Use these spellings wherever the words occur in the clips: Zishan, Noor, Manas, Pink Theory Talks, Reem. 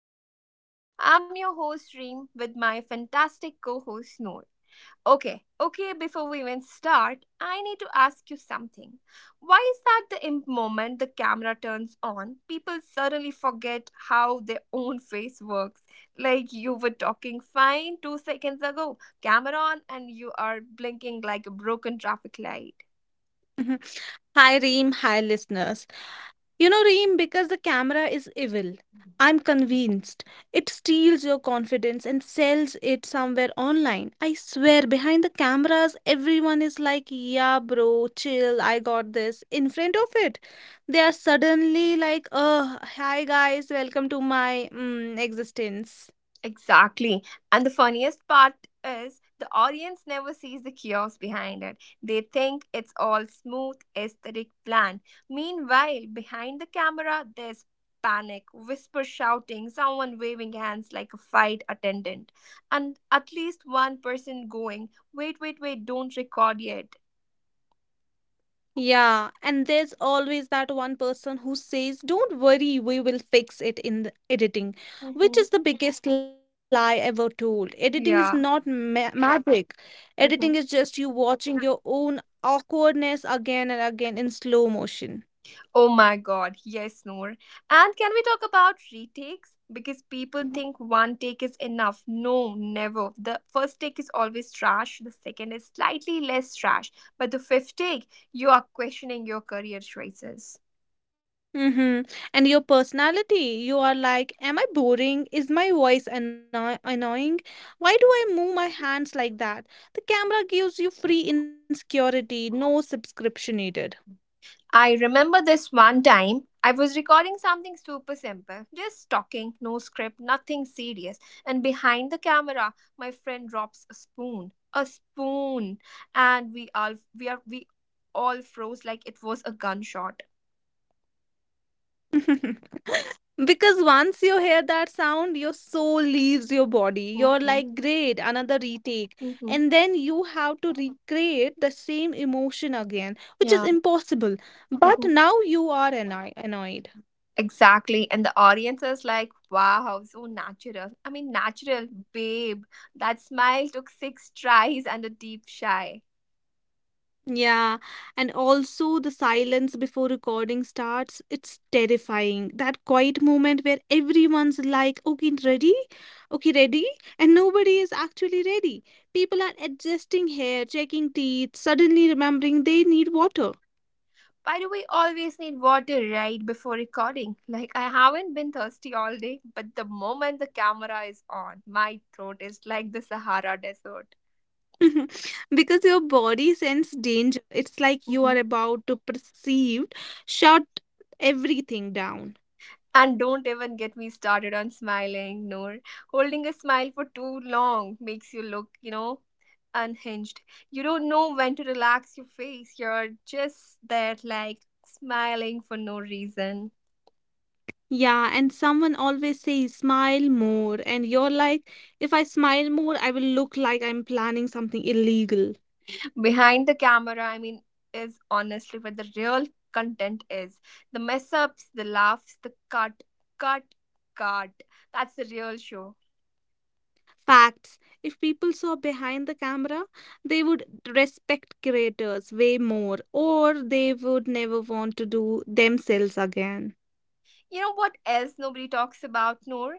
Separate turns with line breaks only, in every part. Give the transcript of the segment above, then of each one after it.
Theory Talks. I'm your host, Reem, with my fantastic co host, Noor. Okay, okay, before we even start, I need to ask you something. Why is that the moment the camera turns on, people suddenly forget how their own face works? Like you were talking fine 2 seconds ago, camera on, and you are blinking like a broken traffic light.
Mhm. Hi, Reem. Hi, listeners. You know, Reem, because the camera is evil,
Mhm.
I'm convinced it steals your confidence and sells it somewhere online. I swear, behind the cameras, everyone is like, yeah, bro, chill, I got this. In front of it, they are suddenly like, oh, hi, guys, welcome to my existence.
Exactly. And the funniest part is the audience never sees the chaos behind it. They think it's all smooth, aesthetic plan. Meanwhile, behind the camera, there's panic, whisper shouting, someone waving hands like a fight attendant, and at least one person going, "Wait, wait, wait, don't record yet."
Yeah, and there's always that one person who says, don't worry, we will fix it in the editing, which
hmm
is the biggest lie ever told. Editing is not
Yeah.
ma magic. Editing is
hmm
just you watching your own awkwardness again and again in slow motion.
Oh my god, yes, Noor. And can we talk about retakes? Because people think one take is enough. No, never. The first take is always trash, the second is slightly less trash, but the fifth take, you are questioning your career choices.
Mm-hmm. And your personality, you are like, am I boring? Is my voice annoying? Why do I move my hands like that? The camera gives you free insecurity, no subscription needed.
I remember this one time. I was recording something super simple, just talking, no script, nothing serious. And behind the camera, my friend drops a spoon, and we all froze like it was a gunshot.
Because once you hear that sound, your soul leaves your body. You're like, great,
hmm
another retake. And then
hmm
you have to recreate the same emotion again, which is
Yeah.
impossible. But now
hmm
you are annoyed.
Exactly. And the audience is like, "Wow, so natural." I mean, natural, babe. That smile took 6 tries and a deep sigh.
Yeah, and also the silence before recording starts, it's terrifying. That quiet moment where everyone's like, okay, ready? Okay, ready? And nobody is actually ready. People are adjusting hair, checking teeth, suddenly remembering they need water.
Why do we always need water right before recording? Like, I haven't been thirsty all day, but the moment the camera is on, my throat is like the Sahara Desert.
Because your body senses danger. It's like you are
Mhm.
about to perceive, shut everything down.
And don't even get me started on smiling, Noor. Holding a smile for too long makes you look, unhinged. You don't know when to relax your face. You're just there, like, smiling for no reason.
Yeah, and someone always says smile more, and you're like, if I smile more, I will look like I'm planning something illegal.
Behind the camera, I mean, is honestly where the real content is. The mess ups, the laughs, the cut cut cut. That's the real show.
Facts. If people saw behind the camera, they would respect creators way more, or they would never want to do themselves again.
You know what else nobody talks about, Noor?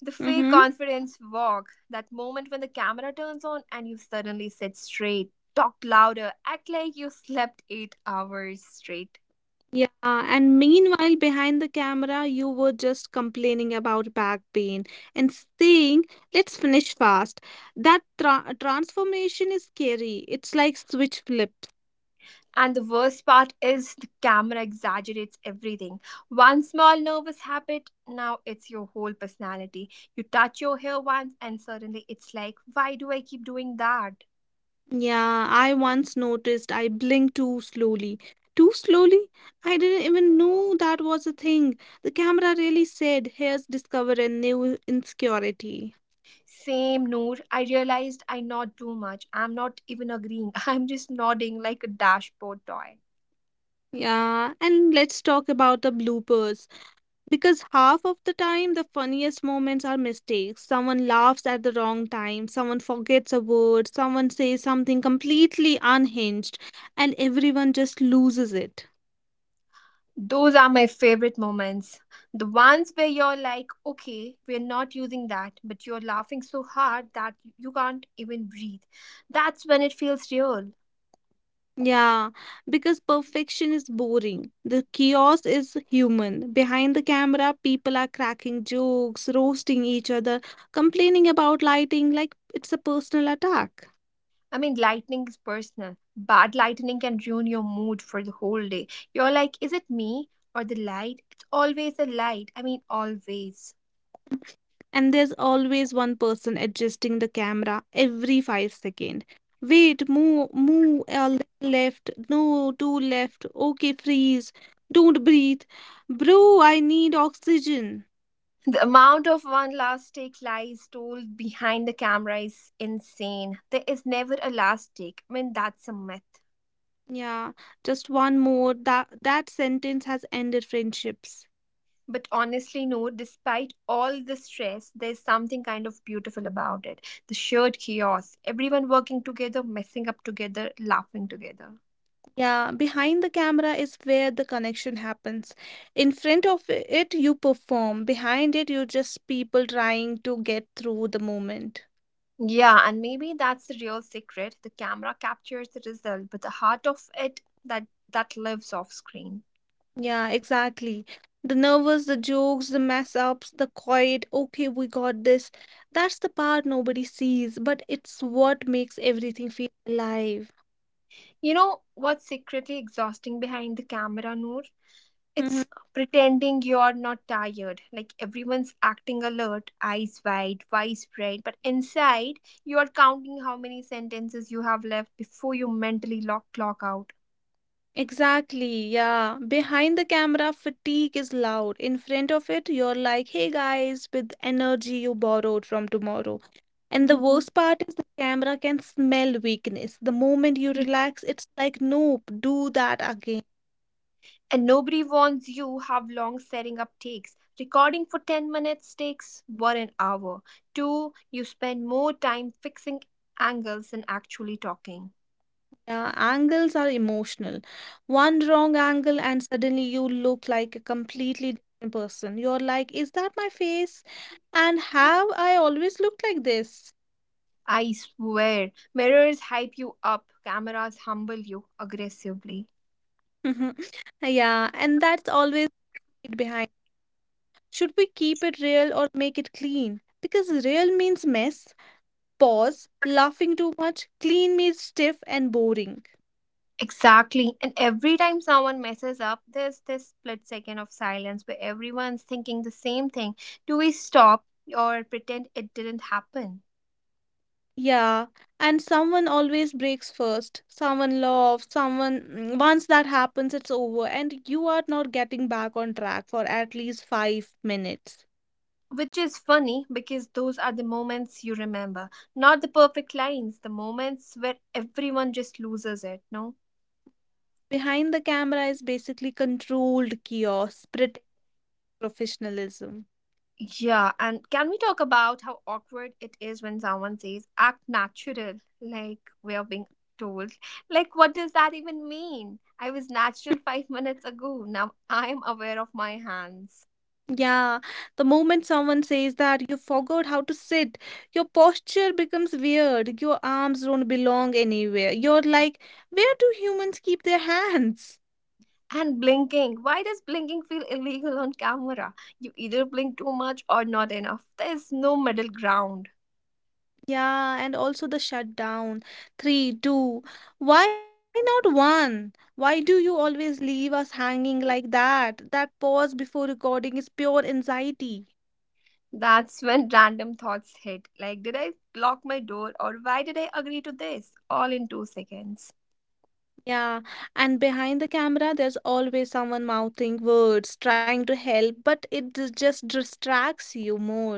The fake
Mm-hmm.
confidence walk. That moment when the camera turns on and you suddenly sit straight, talk louder, act like you slept 8 hours straight.
Yeah, and meanwhile, behind the camera, you were just complaining about back pain and saying, let's finish fast. That transformation is scary. It's like switch flips.
And the worst part is the camera exaggerates everything. One small nervous habit, now it's your whole personality. You touch your hair once, and suddenly it's like, why do I keep doing that?
Yeah, I once noticed I blinked too slowly. Too slowly? I didn't even know that was a thing. The camera really said, here's discover a new insecurity.
Same, Noor. I realized I nod too much. I'm not even agreeing, I'm just nodding like a dashboard toy.
Yeah, and let's talk about the bloopers. Because half of the time, the funniest moments are mistakes. Someone laughs at the wrong time, someone forgets a word, someone says something completely unhinged, and everyone just loses it.
Those are my favorite moments. The ones where you're like, okay, we're not using that, but you're laughing so hard that you can't even breathe. That's when it feels real.
Yeah, because perfection is boring. The chaos is human. Behind the camera, people are cracking jokes, roasting each other, complaining about lighting like it's a personal attack.
I mean, lightning is personal. Bad lightning can ruin your mood for the whole day. You're like, is it me or the light? It's always the light. I mean, always.
And there's always one person adjusting the camera every 5 seconds. Wait, move, move a little left. No, two left. Okay, freeze. Don't breathe, bro. I need oxygen.
The amount of one last take lies told behind the camera is insane. There is never a last take. I mean, that's a myth.
Yeah, just one more. That sentence has ended friendships.
But honestly, no, despite all the stress, there's something kind of beautiful about it. The shared chaos, everyone working together, messing up together, laughing together.
Yeah, behind the camera is where the connection happens. In front of it, you perform. Behind it, you're just people trying to get through the moment.
Yeah, and maybe that's the real secret. The camera captures the result, but the heart of it, that lives off screen.
Yeah, exactly. The nervous, the jokes, the mess ups, the quiet, okay, we got this. That's the part nobody sees, but it's what makes everything feel alive.
You know what's secretly exhausting behind the camera, Noor?
Hmm.
It's pretending you're not tired. Like everyone's acting alert, eyes wide, voice bright, but inside you are counting how many sentences you have left before you mentally lock clock out.
Exactly, yeah. Behind the camera, fatigue is loud. In front of it, you're like, hey guys, with energy you borrowed from tomorrow. And the worst part is the camera can smell weakness. The moment you relax, it's like, nope, do that again.
And nobody warns you how long setting up takes. Recording for 10 minutes takes 1 an hour. 2. You spend more time fixing angles than actually talking.
Yeah, angles are emotional. One wrong angle, and suddenly you look like a completely different person. You're like, is that my face? And have I always looked like this?
I swear, mirrors hype you up, cameras humble you aggressively.
Yeah, and that's always it behind. Should we keep it real or make it clean? Because real means mess, pause, laughing too much, clean means stiff and boring.
Exactly. And every time someone messes up, there's this split second of silence where everyone's thinking the same thing. Do we stop or pretend it didn't happen?
Yeah, and someone always breaks first. Someone loves someone once that happens, it's over, and you are not getting back on track for at least 5 minutes.
Which is funny because those are the moments you remember, not the perfect lines, the moments where everyone just loses it, no?
Behind the camera is basically controlled chaos, pretend professionalism.
Yeah, and can we talk about how awkward it is when someone says act natural? Like we are being told. Like, what does that even mean? I was natural five minutes ago. Now I'm aware of my hands.
Yeah, the moment someone says that, you forgot how to sit, your posture becomes weird, your arms don't belong anywhere. You're like, where do humans keep their hands?
And blinking. Why does blinking feel illegal on camera? You either blink too much or not enough. There's no middle ground.
Yeah, and also the shutdown. Three, two. Why not one? Why do you always leave us hanging like that? That pause before recording is pure anxiety.
That's when random thoughts hit like, did I lock my door or why did I agree to this? All in 2 seconds.
Yeah, and behind the camera, there's always someone mouthing words, trying to help, but it just distracts you more.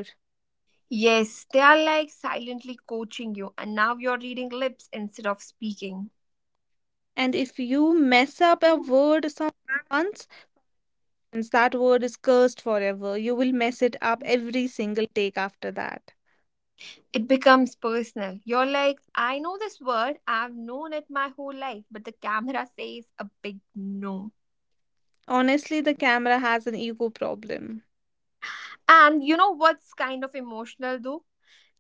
Yes, they are like silently coaching you, and now you're reading lips instead of speaking.
And if you mess up a word some once, that word is cursed forever. You will mess it up every single take after that.
It becomes personal. You're like, I know this word, I've known it my whole life, but the camera says a big no.
Honestly, the camera has an ego problem.
And you know what's kind of emotional though?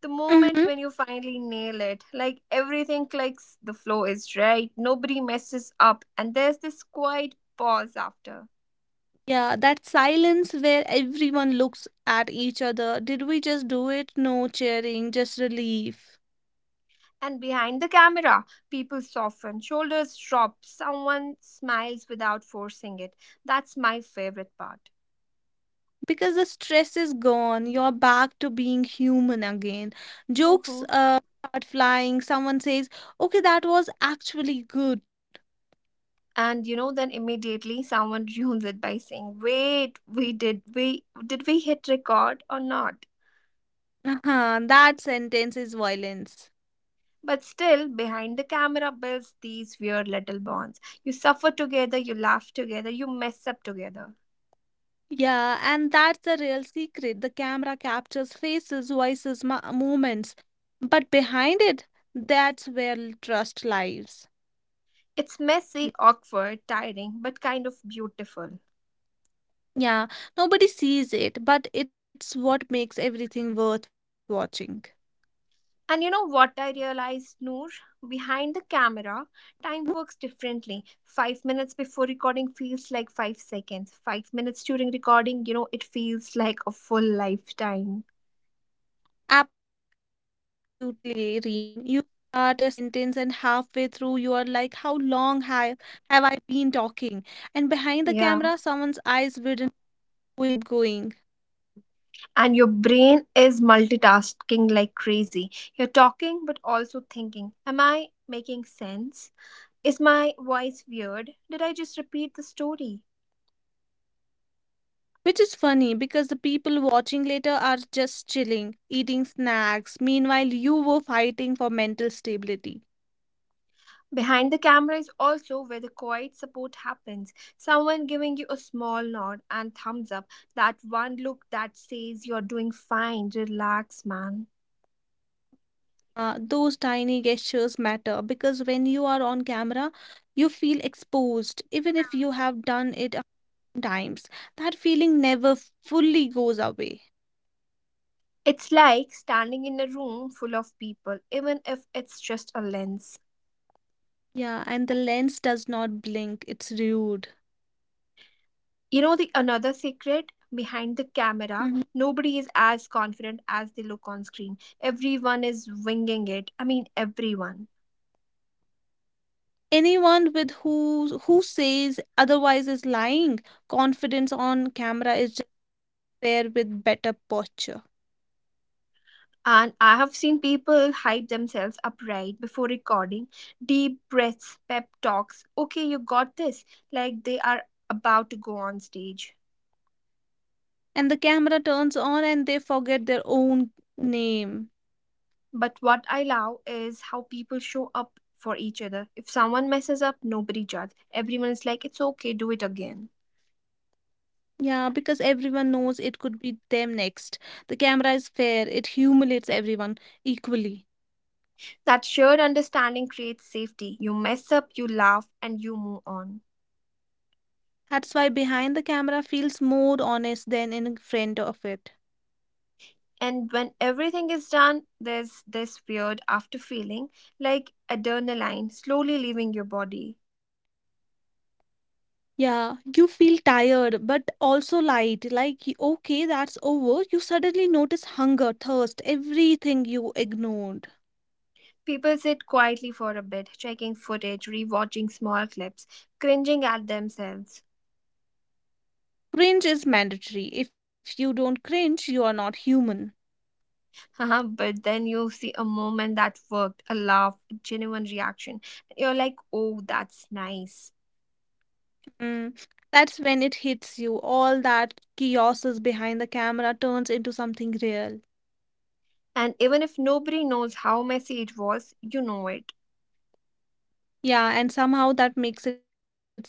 The moment
Mm-hmm.
when you finally nail it, like everything clicks, the flow is right, nobody messes up, and there's this quiet pause after.
Yeah, that silence where everyone looks at each other. Did we just do it? No cheering, just relief.
And behind the camera, people soften, shoulders drop, someone smiles without forcing it. That's my favorite part.
Because the stress is gone, you're back to being human again.
hmm
Jokes start flying. Someone says, okay, that was actually good.
and you know then immediately someone ruins it by saying, wait, we did we hit record or not?
Uh-huh, that sentence is violence.
But still, behind the camera builds these weird little bonds. You suffer together, you laugh together, you mess up together.
Yeah, and that's the real secret. The camera captures faces, voices, movements, but behind it, that's where trust lies.
It's messy, awkward, tiring, but kind of beautiful.
Yeah, nobody sees it, but it's what makes everything worth watching.
And you know what I realized, Noor? Behind the camera, time works differently. 5 minutes before recording feels like 5 seconds. 5 minutes during recording, it feels like a full lifetime.
Absolutely, Reem. You start a sentence, and halfway through, you are like, how long have I been talking? And behind the
Yeah.
camera, someone's eyes wouldn't going, keep going.
And your brain is multitasking like crazy. You're talking but also thinking, am I making sense? Is my voice weird? Did I just repeat the story?
Which is funny because the people watching later are just chilling, eating snacks. Meanwhile, you were fighting for mental stability.
Behind the camera is also where the quiet support happens. Someone giving you a small nod and thumbs up, that one look that says you're doing fine, relax, man.
Those tiny gestures matter because when you are on camera, you feel exposed, even if you have done it 100 times. That feeling never fully goes away.
It's like standing in a room full of people, even if it's just a lens.
Yeah, and the lens does not blink, it's rude.
You know the another secret behind the camera,
Mm-hmm.
nobody is as confident as they look on screen. Everyone is winging it. I mean everyone.
Anyone with who says otherwise is lying. Confidence on camera is just there with better posture.
And I have seen people hype themselves up right before recording, deep breaths, pep talks. Okay, you got this. Like they are about to go on stage.
And the camera turns on and they forget their own name.
But what I love is how people show up for each other. If someone messes up, nobody judges. Everyone is like, it's okay, do it again.
Yeah, because everyone knows it could be them next. The camera is fair, it humiliates everyone equally.
That shared understanding creates safety. You mess up, you laugh, and you move on.
That's why behind the camera feels more honest than in front of it.
And when everything is done, there's this weird after feeling, like adrenaline slowly leaving your body.
Yeah, you feel tired but also light. Like, okay, that's over. You suddenly notice hunger, thirst, everything you ignored.
People sit quietly for a bit, checking footage, rewatching small clips, cringing at themselves.
Cringe is mandatory. If you don't cringe, you are not human.
But then you see a moment that worked, a laugh, a genuine reaction. You're like, oh, that's nice.
Mm. That's when it hits you. All that chaos is behind the camera turns into something real.
And even if nobody knows how messy it was, you know it.
Yeah, and somehow that makes it special.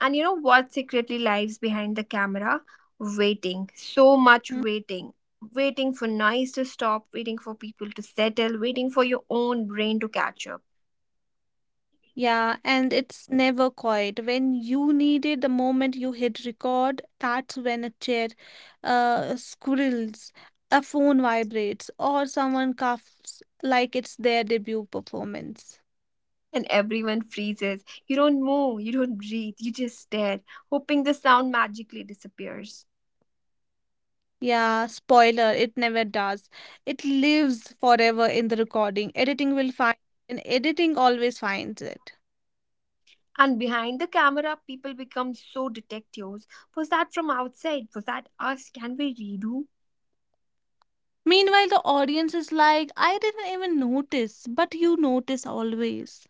And you know what secretly lives behind the camera? Waiting. So much waiting. Waiting for noise to stop, waiting for people to settle, waiting for your own brain to catch up.
Yeah, and it's never quiet. When you need it, the moment you hit record, that's when a chair squirrels, a phone vibrates, or someone coughs like it's their debut performance.
And everyone freezes. You don't move, you don't breathe, you just stare, hoping the sound magically disappears.
Yeah, spoiler, it never does. It lives forever in the recording. Editing always finds it.
And behind the camera, people become so detectives. Was that from outside? Was that us? Can we redo?
Meanwhile, the audience is like, I didn't even notice, but you notice always.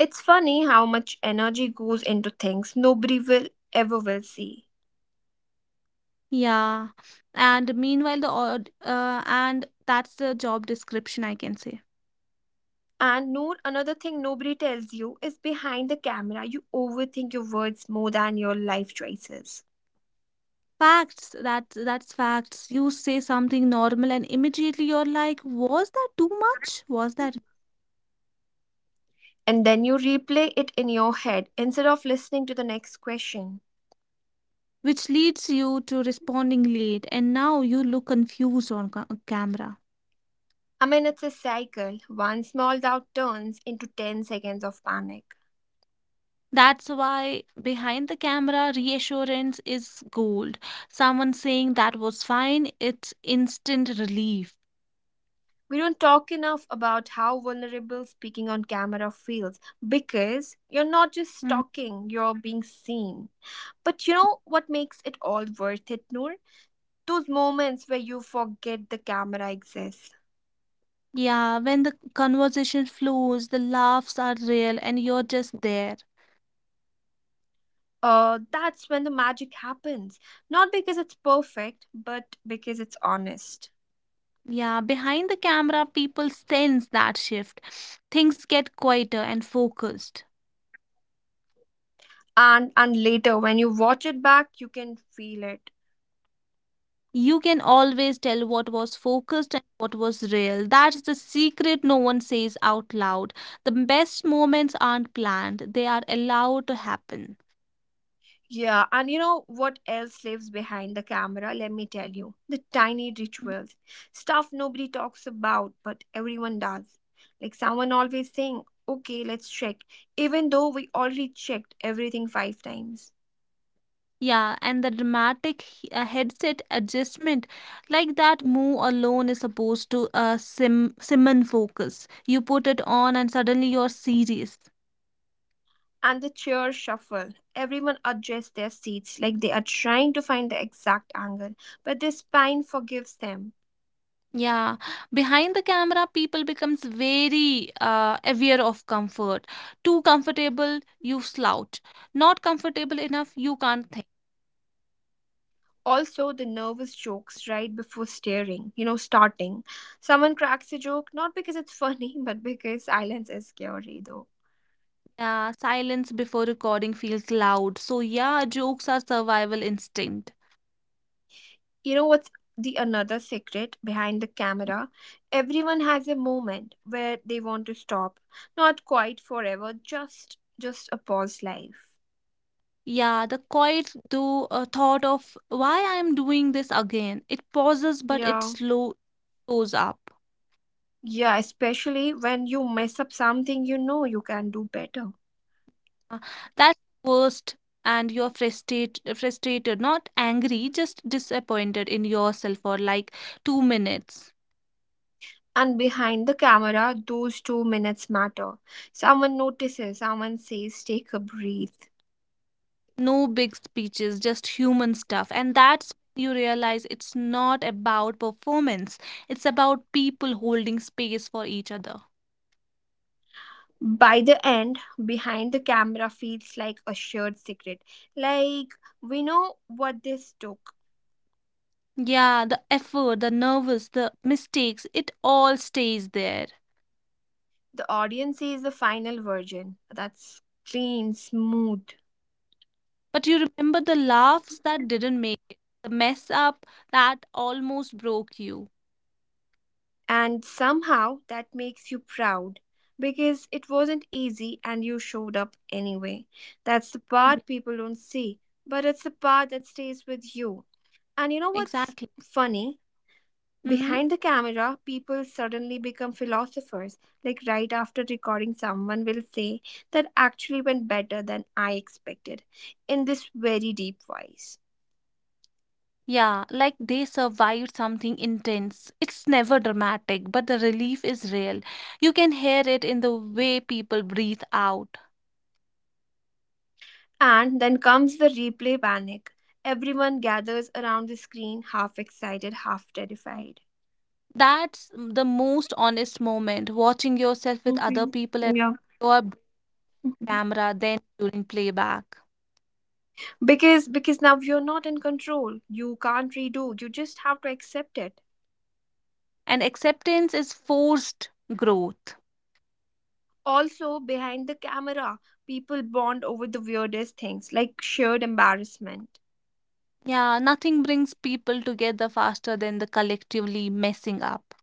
It's funny how much energy goes into things nobody will ever will see.
Yeah, and meanwhile, the odd and that's the job description, I can say.
And Noor, another thing nobody tells you is behind the camera, you overthink your words more than your life choices.
Facts, that's facts. You say something normal and immediately you're like, was that too much? Was that,
And then you replay it in your head instead of listening to the next question.
which leads you to responding late, and now you look confused on camera.
I mean, it's a cycle. One small doubt turns into 10 seconds of panic.
That's why behind the camera reassurance is gold. Someone saying that was fine, it's instant relief.
We don't talk enough about how vulnerable speaking on camera feels because you're not just talking, you're being seen. But you know what makes it all worth it, Noor? Those moments where you forget the camera exists.
Yeah, when the conversation flows, the laughs are real and you're just there.
That's when the magic happens. Not because it's perfect, but because it's honest.
Yeah, behind the camera, people sense that shift. Things get quieter and focused.
And later when you watch it back, you can feel it.
You can always tell what was focused and what was real. That's the secret no one says out loud. The best moments aren't planned, they are allowed to happen.
Yeah, and you know what else lives behind the camera? Let me tell you. The tiny rituals. Stuff nobody talks about, but everyone does. Like someone always saying, okay, let's check, even though we already checked everything 5 times.
Yeah, and the dramatic headset adjustment, like that move alone is supposed to sim summon focus. You put it on and suddenly you're serious.
And the chairs shuffle. Everyone adjusts their seats like they are trying to find the exact angle, but their spine forgives them.
Yeah, behind the camera, people becomes very aware of comfort. Too comfortable, you slouch. Not comfortable enough, you can't think.
Also, the nervous jokes right before staring, starting. Someone cracks a joke, not because it's funny, but because silence is scary, though.
Yeah, silence before recording feels loud. So yeah, jokes are survival instinct.
You know what's the another secret behind the camera? Everyone has a moment where they want to stop. Not quite forever, just a pause life.
Yeah, the quiet thought of why I am doing this again. It pauses, but it
Yeah.
slow shows up.
Yeah, especially when you mess up something you know you can do better.
Uh, That's worst, and you're frustrated, not angry, just disappointed in yourself for like 2 minutes.
And behind the camera, those 2 minutes matter. Someone notices, someone says, take a breath.
No big speeches, just human stuff, and that's when you realize it's not about performance. It's about people holding space for each other.
By the end, behind the camera feels like a shared secret. Like, we know what this took.
Yeah, the effort, the nervous, the mistakes, it all stays there.
The audience sees the final version that's clean, smooth.
But you remember the laughs that didn't make it, the mess up that almost broke you.
And somehow that makes you proud because it wasn't easy and you showed up anyway. That's the
Yeah.
part people don't see, but it's the part that stays with you. And you know what's
Exactly.
funny?
Mm-hmm.
Behind the camera, people suddenly become philosophers. Like right after recording, someone will say, "That actually went better than I expected," in this very deep voice.
Yeah, like they survived something intense. It's never dramatic, but the relief is real. You can hear it in the way people breathe out.
And then comes the replay panic. Everyone gathers around the screen, half excited, half terrified.
That's the most honest moment, watching yourself with other
Mhm.
people at
Yeah.
your
Mhm.
camera, then during playback.
Because now you're not in control. You can't redo. You just have to accept it.
And acceptance is forced growth.
Also, behind the camera, people bond over the weirdest things, like shared embarrassment.
Yeah, nothing brings people together faster than the collectively messing up.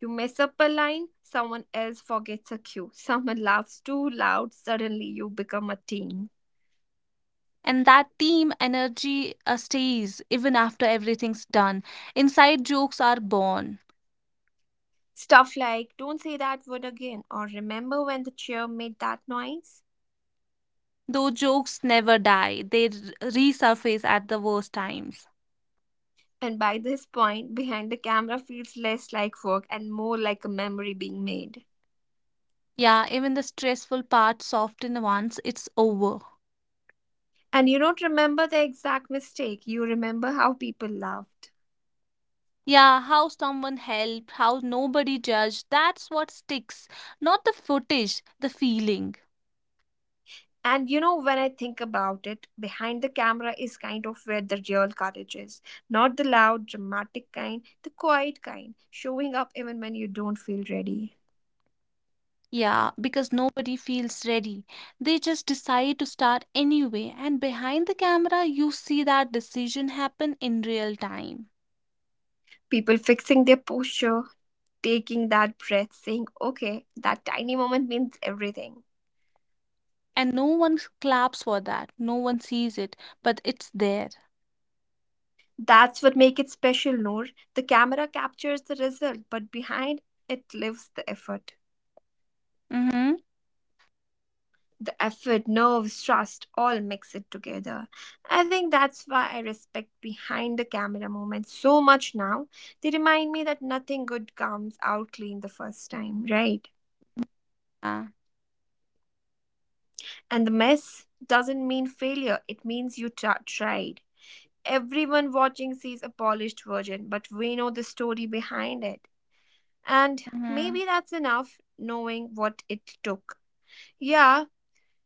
You mess up a line, someone else forgets a cue. Someone laughs too loud, suddenly you become a team.
And that team energy stays even after everything's done. Inside jokes are born.
Stuff like, don't say that word again, or remember when the chair made that noise?
Those jokes never die, they resurface at the worst times.
And by this point, behind the camera feels less like work and more like a memory being made.
Yeah, even the stressful part soften once it's over.
And you don't remember the exact mistake, you remember how people laughed.
Yeah, how someone helped, how nobody judged, that's what sticks. Not the footage, the feeling.
And you know, when I think about it, behind the camera is kind of where the real courage is. Not the loud, dramatic kind, the quiet kind, showing up even when you don't feel ready.
Yeah, because nobody feels ready. They just decide to start anyway, and behind the camera, you see that decision happen in real time.
People fixing their posture, taking that breath, saying, okay, that tiny moment means everything.
And no one claps for that, no one sees it, but it's there.
That's what makes it special, Noor. The camera captures the result, but behind it lives the effort.
Mm-hmm.
The effort, nerves, trust, all mix it together. I think that's why I respect behind the camera moments so much now. They remind me that nothing good comes out clean the first time, right?
Yeah.
And the mess doesn't mean failure, it means you tried. Everyone watching sees a polished version, but we know the story behind it. And
Mm-hmm.
maybe that's enough, knowing what it took. Yeah,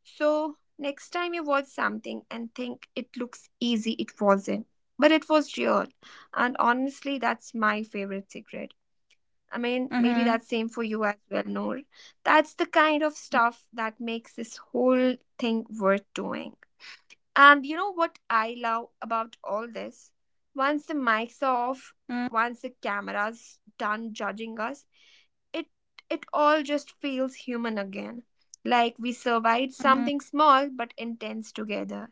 so next time you watch something and think it looks easy, it wasn't. But it was real. And honestly, that's my favorite secret. I mean, maybe
Mm-hmm.
that's same for you as well, Noor. That's the kind of stuff that makes this whole thing worth doing. And you know what I love about all this? Once the mics
Mm-hmm.
are off, once the camera's done judging us, it it all just feels human again. Like we
Mm-hmm.
survived something small but intense together.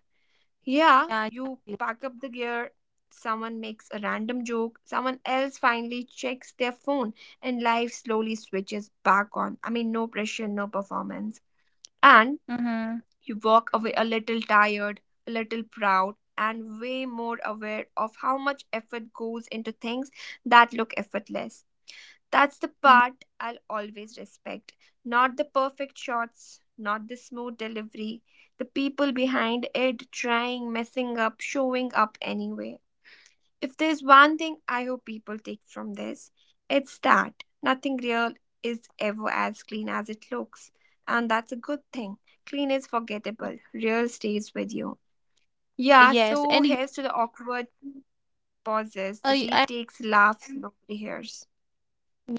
Yeah,
Yeah,
exactly.
you pack up the gear, someone makes a random joke, someone else finally checks their phone, and life slowly switches back on. I mean, no pressure, no performance. And
Mm-hmm.
you walk away a little tired, a little proud, and way more aware of how much effort goes into things that look effortless. That's the
Mm-hmm.
part I'll always respect. Not the perfect shots, not the smooth delivery, the people behind it trying, messing up, showing up anyway. If there's one thing I hope people take from this, it's that nothing real is ever as clean as it looks. And that's a good thing. Clean is forgettable, real stays with you. Yeah,
Yes,
so
and
here's to the awkward pauses, the
I,
retakes, laughs nobody hears.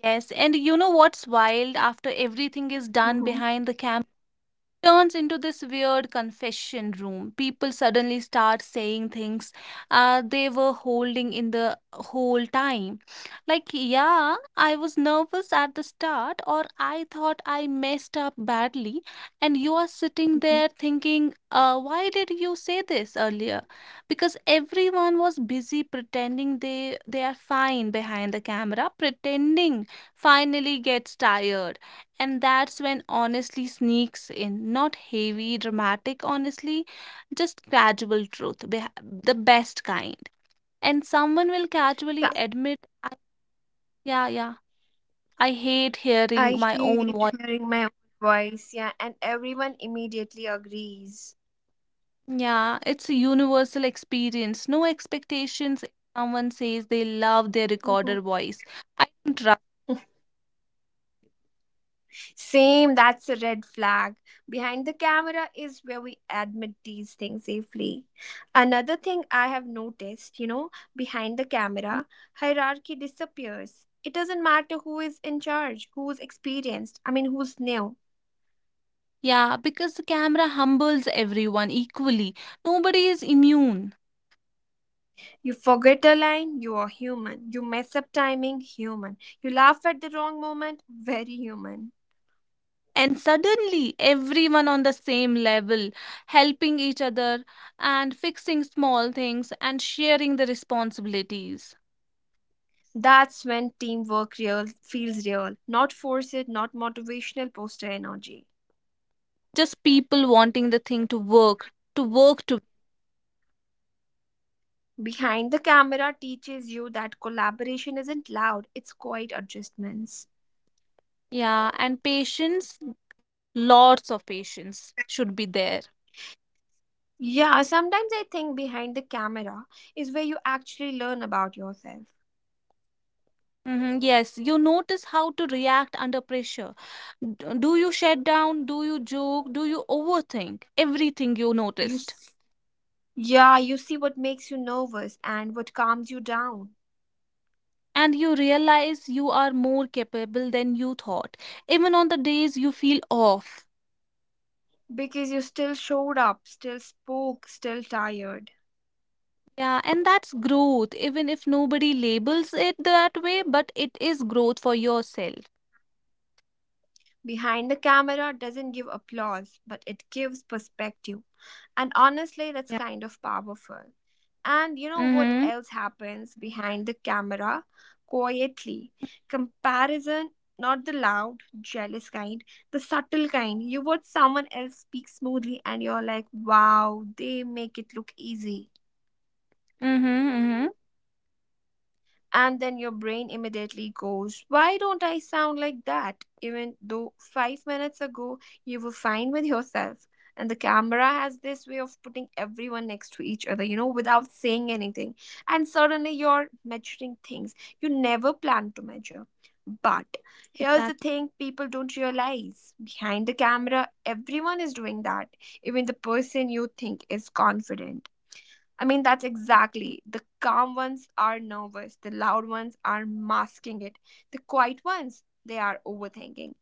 yes, and you know what's wild? After everything is done
Mhm,
behind the camera, turns into this weird confession room. People suddenly start saying things they were holding in the whole time. Like, yeah, I was nervous at the start, or I thought I messed up badly. And you are sitting
mhm.
there thinking, why did you say this earlier? Because everyone was busy pretending they are fine behind the camera, pretending finally gets tired, and that's when honestly sneaks in. Not heavy, dramatic, honestly, just gradual truth, the best kind. And someone will
So
casually admit, yeah, yeah, I hate hearing
I
my own
hate
voice.
hearing my own voice, yeah, and everyone immediately agrees.
Yeah, it's a universal experience. No expectations. If someone says they love their
Mhm.
recorder voice, I don't trust.
Same, that's a red flag. Behind the camera is where we admit these things safely. Another thing I have noticed, you know, behind the camera, hierarchy disappears. It doesn't matter who is in charge, who's experienced, I mean, who's new.
Yeah, because the camera humbles everyone equally. Nobody is immune.
You forget a line, you are human. You mess up timing, human. You laugh at the wrong moment, very human.
And suddenly everyone on the same level, helping each other and fixing small things and sharing the responsibilities,
That's when teamwork real feels real, not forced, not motivational poster energy.
just people wanting the thing to work to work to
Behind the camera teaches you that collaboration isn't loud, it's quiet adjustments.
Yeah, and patience, lots of patience should be there.
Yeah, sometimes I think behind the camera is where you actually learn about yourself.
Mhm, yes, you notice how to react under pressure. Do you shut down, do you joke, do you overthink everything you
You
noticed,
s- yeah, you see what makes you nervous and what calms you down
and you realize you are more capable than you thought, even on the days you feel off.
because you still showed up, still spoke, still tired.
Yeah, and that's growth, even if nobody labels it that way, but it is growth for yourself.
Behind the camera doesn't give applause, but it gives perspective. And honestly, that's
Yeah.
kind of powerful. And you know what
Mm-hmm.
else happens behind the camera? Quietly. Comparison, not the loud, jealous kind, the subtle kind. You watch someone else speak smoothly and you're like, wow, they make it look easy.
Mm-hmm. Mm-hmm.
And then your brain immediately goes, why don't I sound like that? Even though five minutes ago you were fine with yourself. And the camera has this way of putting everyone next to each other, you know, without saying anything. And suddenly you're measuring things you never planned to measure. But here's the
Exactly.
thing people don't realize, behind the camera, everyone is doing that, even the person you think is confident. I mean, that's exactly. The calm ones are nervous, the loud ones are masking it, the quiet ones, they are overthinking.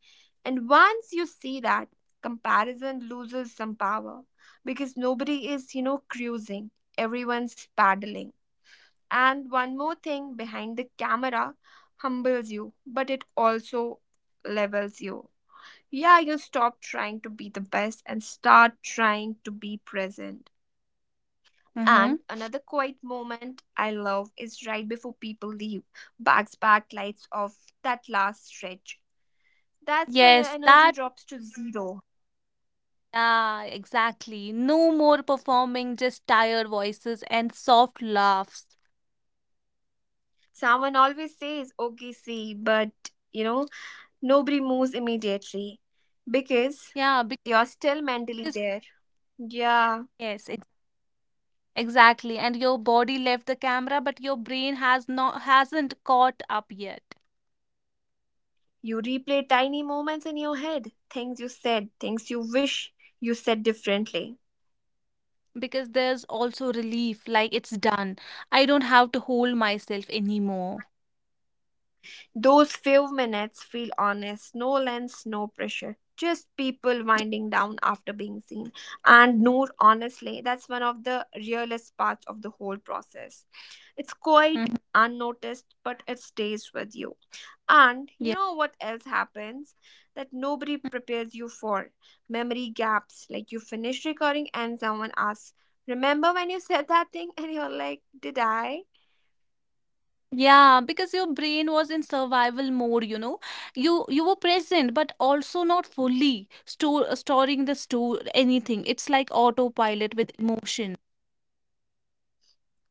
And once you see that, comparison loses some power because nobody is, you know, cruising, everyone's paddling. And one more thing, behind the camera humbles you, but it also levels you. Yeah, you stop trying to be the best and start trying to be present.
Mm-hmm.
And another quiet moment I love is right before people leave, bags packed, lights off, that last stretch. That's when
Yes,
energy
that,
drops to zero.
yeah, exactly. No more performing, just tired voices and soft laughs.
Someone always says, okay, see, but you know, nobody moves immediately because
Yeah,
you're still mentally
because
there. Yeah,
yes, exactly, and your body left the camera, but your brain hasn't caught up yet
you replay tiny moments in your head, things you said, things you wish you said differently.
because there's also relief, like it's done. I don't have to hold myself anymore.
Those few minutes feel honest, no lens, no pressure, just people winding down after being seen. And Noor, honestly, that's one of the realest parts of the whole process. It's quite
Mhm.
unnoticed, but it stays with you. And you
Yeah.
know what else happens that nobody prepares you for? Memory gaps. Like you finish recording and someone asks, remember when you said that thing? And you're like, did I?
Yeah, because your brain was in survival mode, you know. You were present, but also not fully store storing the store anything. It's like autopilot with emotion.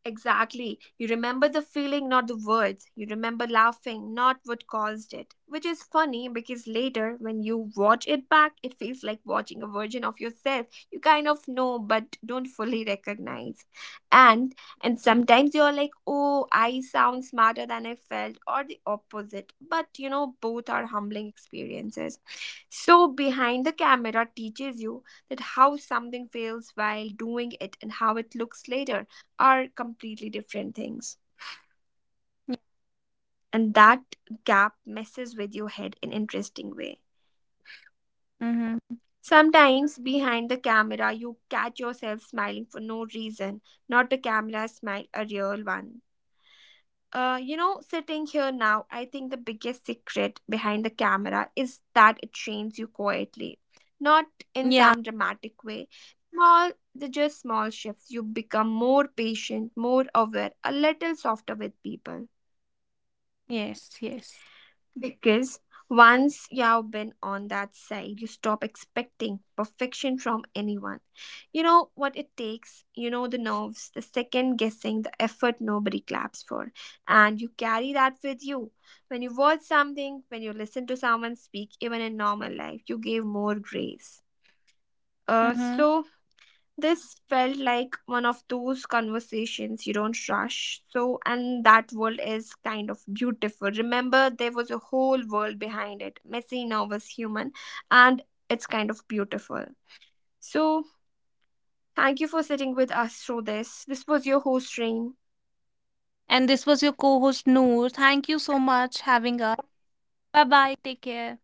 Exactly. You remember the feeling, not the words. You remember laughing, not what caused it. Which is funny because later, when you watch it back, it feels like watching a version of yourself you kind of know but don't fully recognize. And and
Mm,
sometimes you're like, "Oh, I sound smarter than I felt," or the opposite. But you know, both are humbling experiences. So behind the camera teaches you that how something feels while doing it and how it looks later are completely different things.
yeah.
And that gap messes with your head in interesting way.
Mm-hmm.
Sometimes behind the camera you catch yourself smiling for no reason, not a camera smile, a real one. You know, sitting here now, I think the biggest secret behind the camera is that it trains you quietly, not in
Yeah.
some dramatic way. Small, they're just small shifts. You become more patient, more aware, a little softer with people.
Yes. Yes.
Because once you've been on that side, you stop expecting perfection from anyone. You know what it takes, you know the nerves, the second guessing, the effort nobody claps for. And you carry that with you. When you watch something, when you listen to someone speak, even in normal life, you give more grace. Uh,
Mm-hmm.
so this felt like one of those conversations you don't rush. So, and that world is kind of beautiful. Remember, there was a whole world behind it, messy, nervous, human, and it's kind of beautiful. So, thank you for sitting with us through this. This was your host, Rain.
And this was your co host, Noor. Thank you so much having us. Bye bye. Take care.